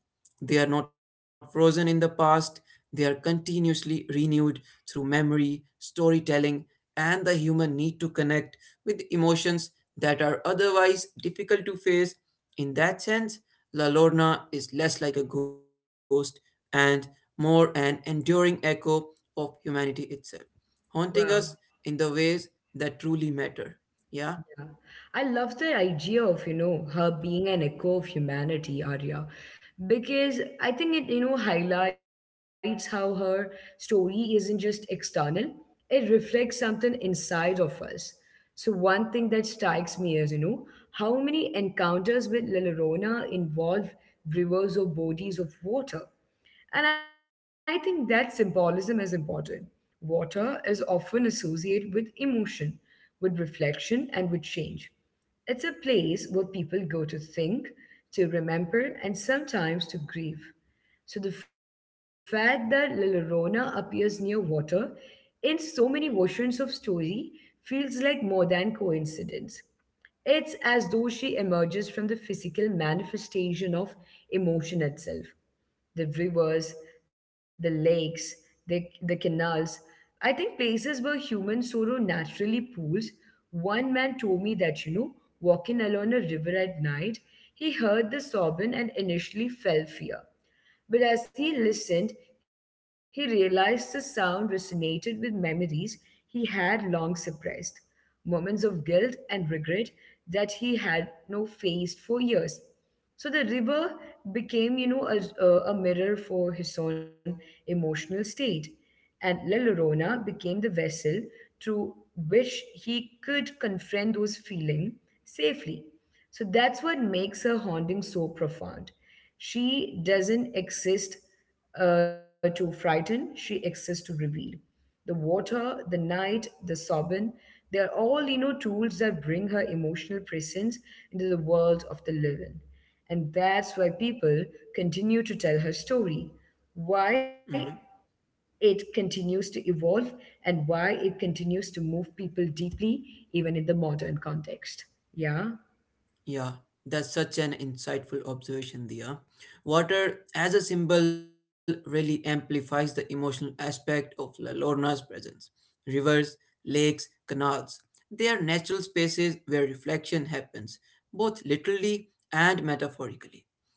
B: They are not frozen in the past, they are continuously renewed through memory, storytelling, and the human need to connect with emotions that are otherwise difficult to face. In that sense, La Lorna is less like a ghost and more an enduring echo of humanity itself, haunting us
A: Wow.
B: in the ways that truly matter. Yeah?
A: Yeah. I love the idea of, her being an echo of humanity, Arya, because I think it, highlights how her story isn't just external, it reflects something inside of us. So one thing that strikes me is, how many encounters with Lilorona involve rivers or bodies of water. And I think that symbolism is important. Water is often associated with emotion, with reflection, and with change. It's a place where people go to think, to remember, and sometimes to grieve. So the fact that La Llorona appears near water in so many versions of story feels like more than coincidence. It's as though she emerges from the physical manifestation of emotion itself. The rivers, the lakes, the canals. I think places where human sorrow naturally pools. One man told me that, walking along a river at night, he heard the sobbing and initially felt fear. But as he listened, he realized the sound resonated with memories he had long suppressed, moments of guilt and regret that he had no faced for years. So the river became, a mirror for his own emotional state, and La Llorona became the vessel through which he could confront those feelings safely. So that's what makes her haunting so profound. She doesn't exist to frighten, she exists to reveal. The water, the night, the sobbing, they are all, tools that bring her emotional presence into the world of the living. And that's why people continue to tell her story,
B: Mm-hmm.
A: why it continues to evolve, and why it continues to move people deeply, even in the modern context. Yeah?
B: Yeah, that's such an insightful observation, Dia. Water as a symbol really amplifies the emotional aspect of La Lorna's presence. Rivers, lakes, canals, they are natural spaces where reflection happens, both literally and metaphorically.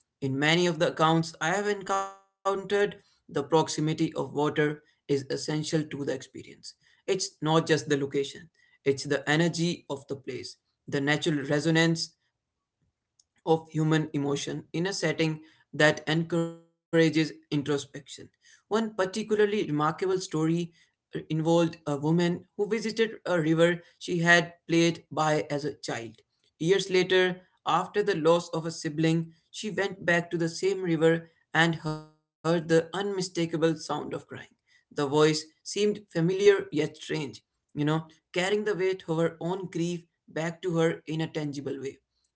B: In many of the accounts I have encountered, the proximity of water is essential to the experience. It's not just the location, it's the energy of the place, the natural resonance of human emotion in a setting that encourages introspection. One particularly remarkable story involved a woman who visited a river she had played by as a child. Years later, after the loss of a sibling, she went back to the same river and heard the unmistakable sound of crying. The voice seemed familiar yet strange, you know, carrying the weight of her own grief back to her in a tangible way.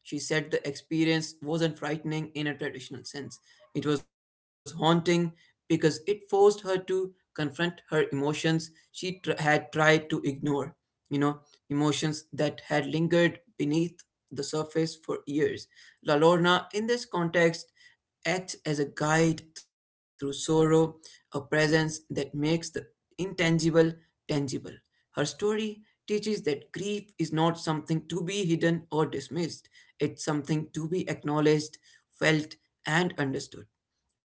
B: She said the experience wasn't frightening in a traditional sense. It was haunting because it forced her to confront her emotions she had tried to ignore. You know, emotions that had lingered beneath the surface for years. La Lorna, in this context, acts as a guide through sorrow, a presence that makes the intangible tangible. Her story teaches that grief is not something to be hidden or dismissed, it's something to be acknowledged, felt, and understood.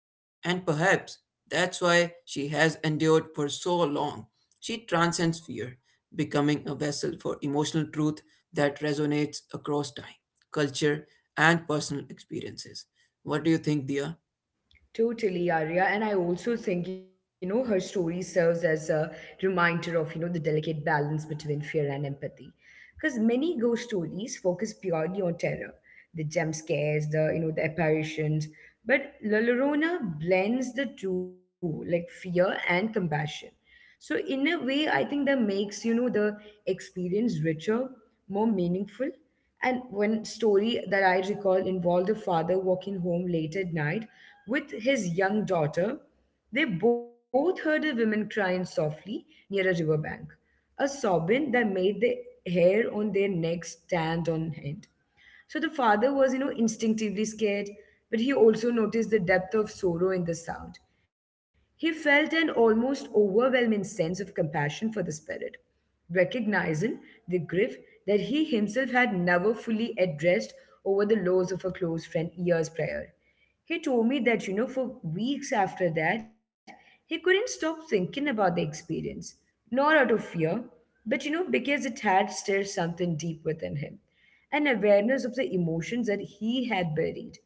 B: And perhaps that's why she has endured for so long. She transcends fear, becoming a vessel for emotional truth that resonates across time, culture, and personal experiences. What do you think, Dia?
A: Totally, Arya. And I also think, her story serves as a reminder of, the delicate balance between fear and empathy. Because many ghost stories focus purely on terror, the jump scares, the apparitions. But La Llorona blends the two, like fear and compassion. So in a way, I think that makes the experience richer, more meaningful. And one story that I recall involved a father walking home late at night with his young daughter. They both heard a woman crying softly near a riverbank, a sobbing that made the hair on their necks stand on end. So the father was, instinctively scared, but he also noticed the depth of sorrow in the sound. He felt an almost overwhelming sense of compassion for the spirit, recognizing the grief that he himself had never fully addressed over the loss of a close friend years prior. He told me that, for weeks after that, he couldn't stop thinking about the experience, not out of fear, but, because it had stirred something deep within him and awareness of the emotions that he had buried.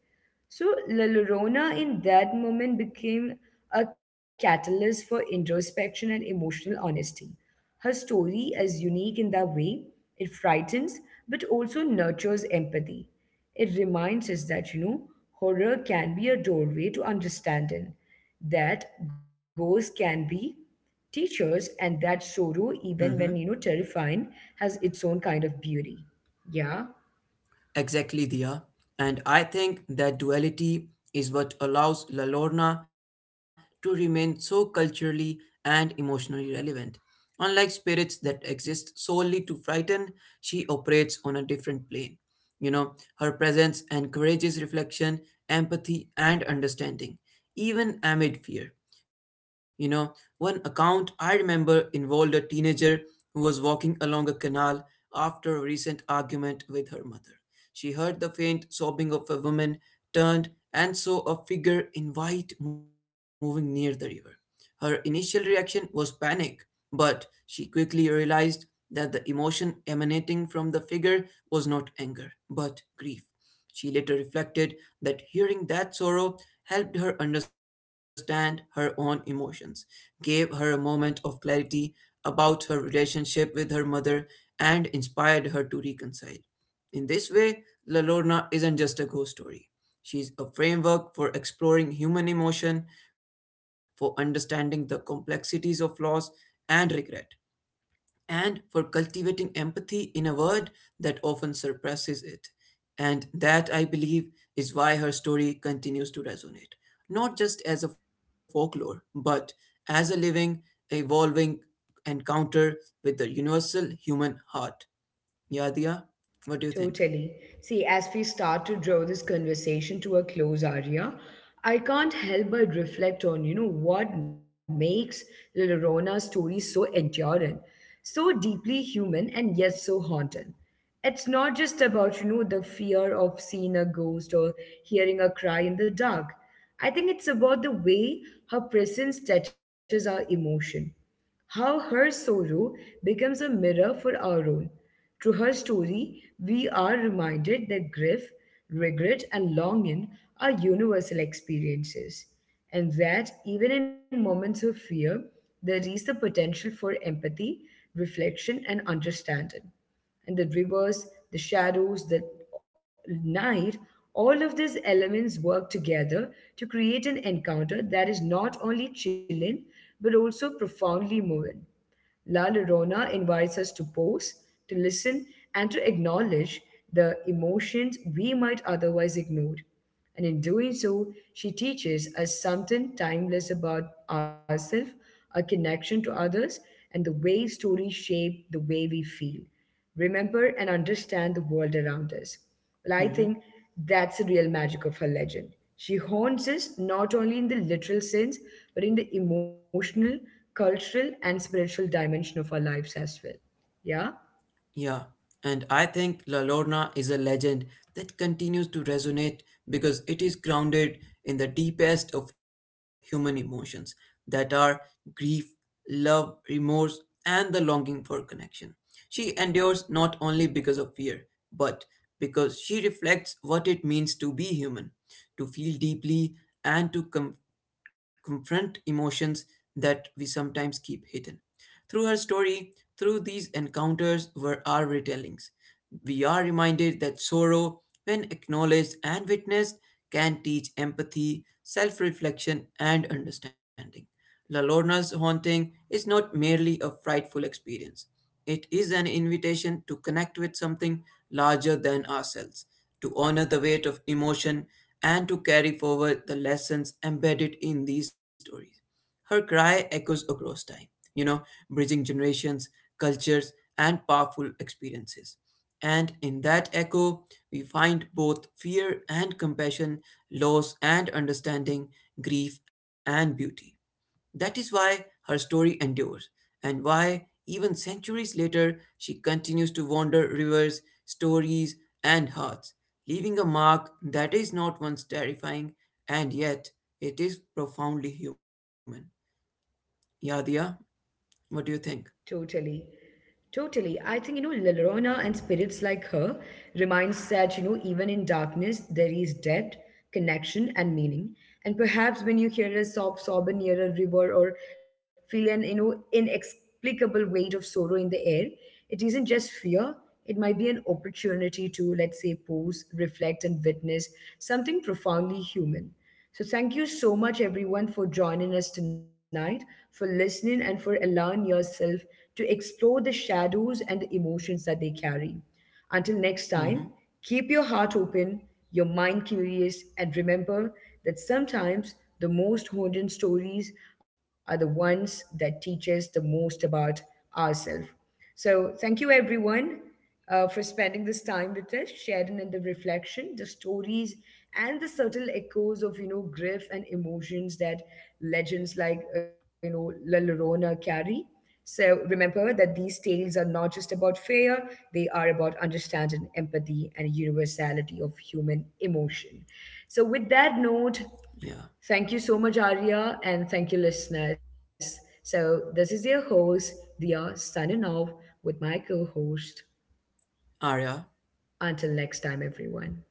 A: So, La Llorona in that moment became a catalyst for introspection and emotional honesty. Her story is unique in that way it frightens but also nurtures empathy. It reminds us that, horror can be a doorway to understanding, that ghosts can be teachers, and that sorrow, even when,
B: Dear? Hmm.
A: terrifying, has its own kind of beauty. Yeah,
B: Exactly, Dia. And I think that duality is what allows La Lorna to remain so culturally and emotionally relevant. Unlike spirits that exist solely to frighten, she operates on a different plane. You know, her presence encourages reflection, empathy, and understanding, even amid fear. You know, one account I remember involved a teenager who was walking along a canal after a recent argument with her mother. She heard the faint sobbing of a woman, turned, and saw a figure in white moving near the river. Her initial reaction was panic, but she quickly realized that the emotion emanating from the figure was not anger, but grief. She later reflected that hearing that sorrow helped her understand her own emotions, gave her a moment of clarity about her relationship with her mother, and inspired her to reconcile. In this way, La Lorna isn't just a ghost story. She's a framework for exploring human emotion, for understanding the complexities of loss and regret, and for cultivating empathy in a world that often suppresses it. And that, I believe, is why her story continues to resonate, not just as a folklore, but as a living, evolving encounter with the universal human heart. Yadia, what do you think?
A: totally. See, as we start to draw this conversation to a close, Arya, I can't help but reflect on, what makes Little Rona's story so enduring, so deeply human, and yet so haunting. It's not just about, the fear of seeing a ghost or hearing a cry in the dark. I think it's about the way her presence touches our emotion. How her sorrow becomes a mirror for our own. Through her story, we are reminded that grief, regret, and longing are universal experiences, and that even in moments of fear, there is the potential for empathy, reflection, and understanding and the rivers, the shadows, the night, all of these elements work together to create an encounter that is not only chilling but also profoundly moving. La Llorona invites us to pause, to listen, and to acknowledge the emotions we might otherwise ignore. And in doing so, she teaches us something timeless about ourselves, our connection to others, and the way stories shape the way we feel remember and understand the world around us. Well, I
B: Mm-hmm.
A: think that's the real magic of her legend. She haunts us not only in the literal sense, but in the emotional, cultural, and spiritual dimension of our lives as well. Yeah?
B: Yeah, and I think La Lorna is a legend that continues to resonate because it is grounded in the deepest of human emotions that are grief, love, remorse, and the longing for connection. She endures not only because of fear, but because she reflects what it means to be human, to feel deeply, and to confront emotions that we sometimes keep hidden. Through her story, through these encounters were our retellings. We are reminded that sorrow, when acknowledged and witnessed, can teach empathy, self reflection, and understanding. La Lorna's haunting is not merely a frightful experience, it is an invitation to connect with something larger than ourselves, to honor the weight of emotion, and to carry forward the lessons embedded in these stories. Her cry echoes across time, you know, bridging generations, cultures, and powerful experiences. And in that echo, we find both fear and compassion, loss and understanding, grief and beauty. That is why her story endures, and why, even centuries later, she continues to wander rivers, stories, and hearts, leaving a mark that is not once terrifying, and yet it is profoundly human. Yadia, what do you think?
A: Totally. Totally. I think, La Llorona and spirits like her reminds that, even in darkness, there is depth, connection, and meaning. And perhaps when you hear a sob sobbing near a river or feel an, inexplicable weight of sorrow in the air, it isn't just fear. It might be an opportunity to, let's say, pause, reflect, and witness something profoundly human. So thank you so much everyone for joining us tonight, for listening and for allowing yourself to explore the shadows and the emotions that they carry. Until next time,
B: Hmm.
A: keep your heart open, your mind curious, and remember that sometimes the most haunting stories are the ones that teach us the most about ourselves. So thank you everyone for spending this time with us, sharing in the reflection, the stories, and the subtle echoes of grief and emotions that legends like La Llorona carry. So remember that these tales are not just about fear; they are about understanding, empathy, and universality of human emotion. So, with that note,
B: Yeah.
A: thank you so much, Arya, and thank you, listeners. So, this is your host, Dia, signing off with my co-host.
B: Arya.
A: Until next time, everyone.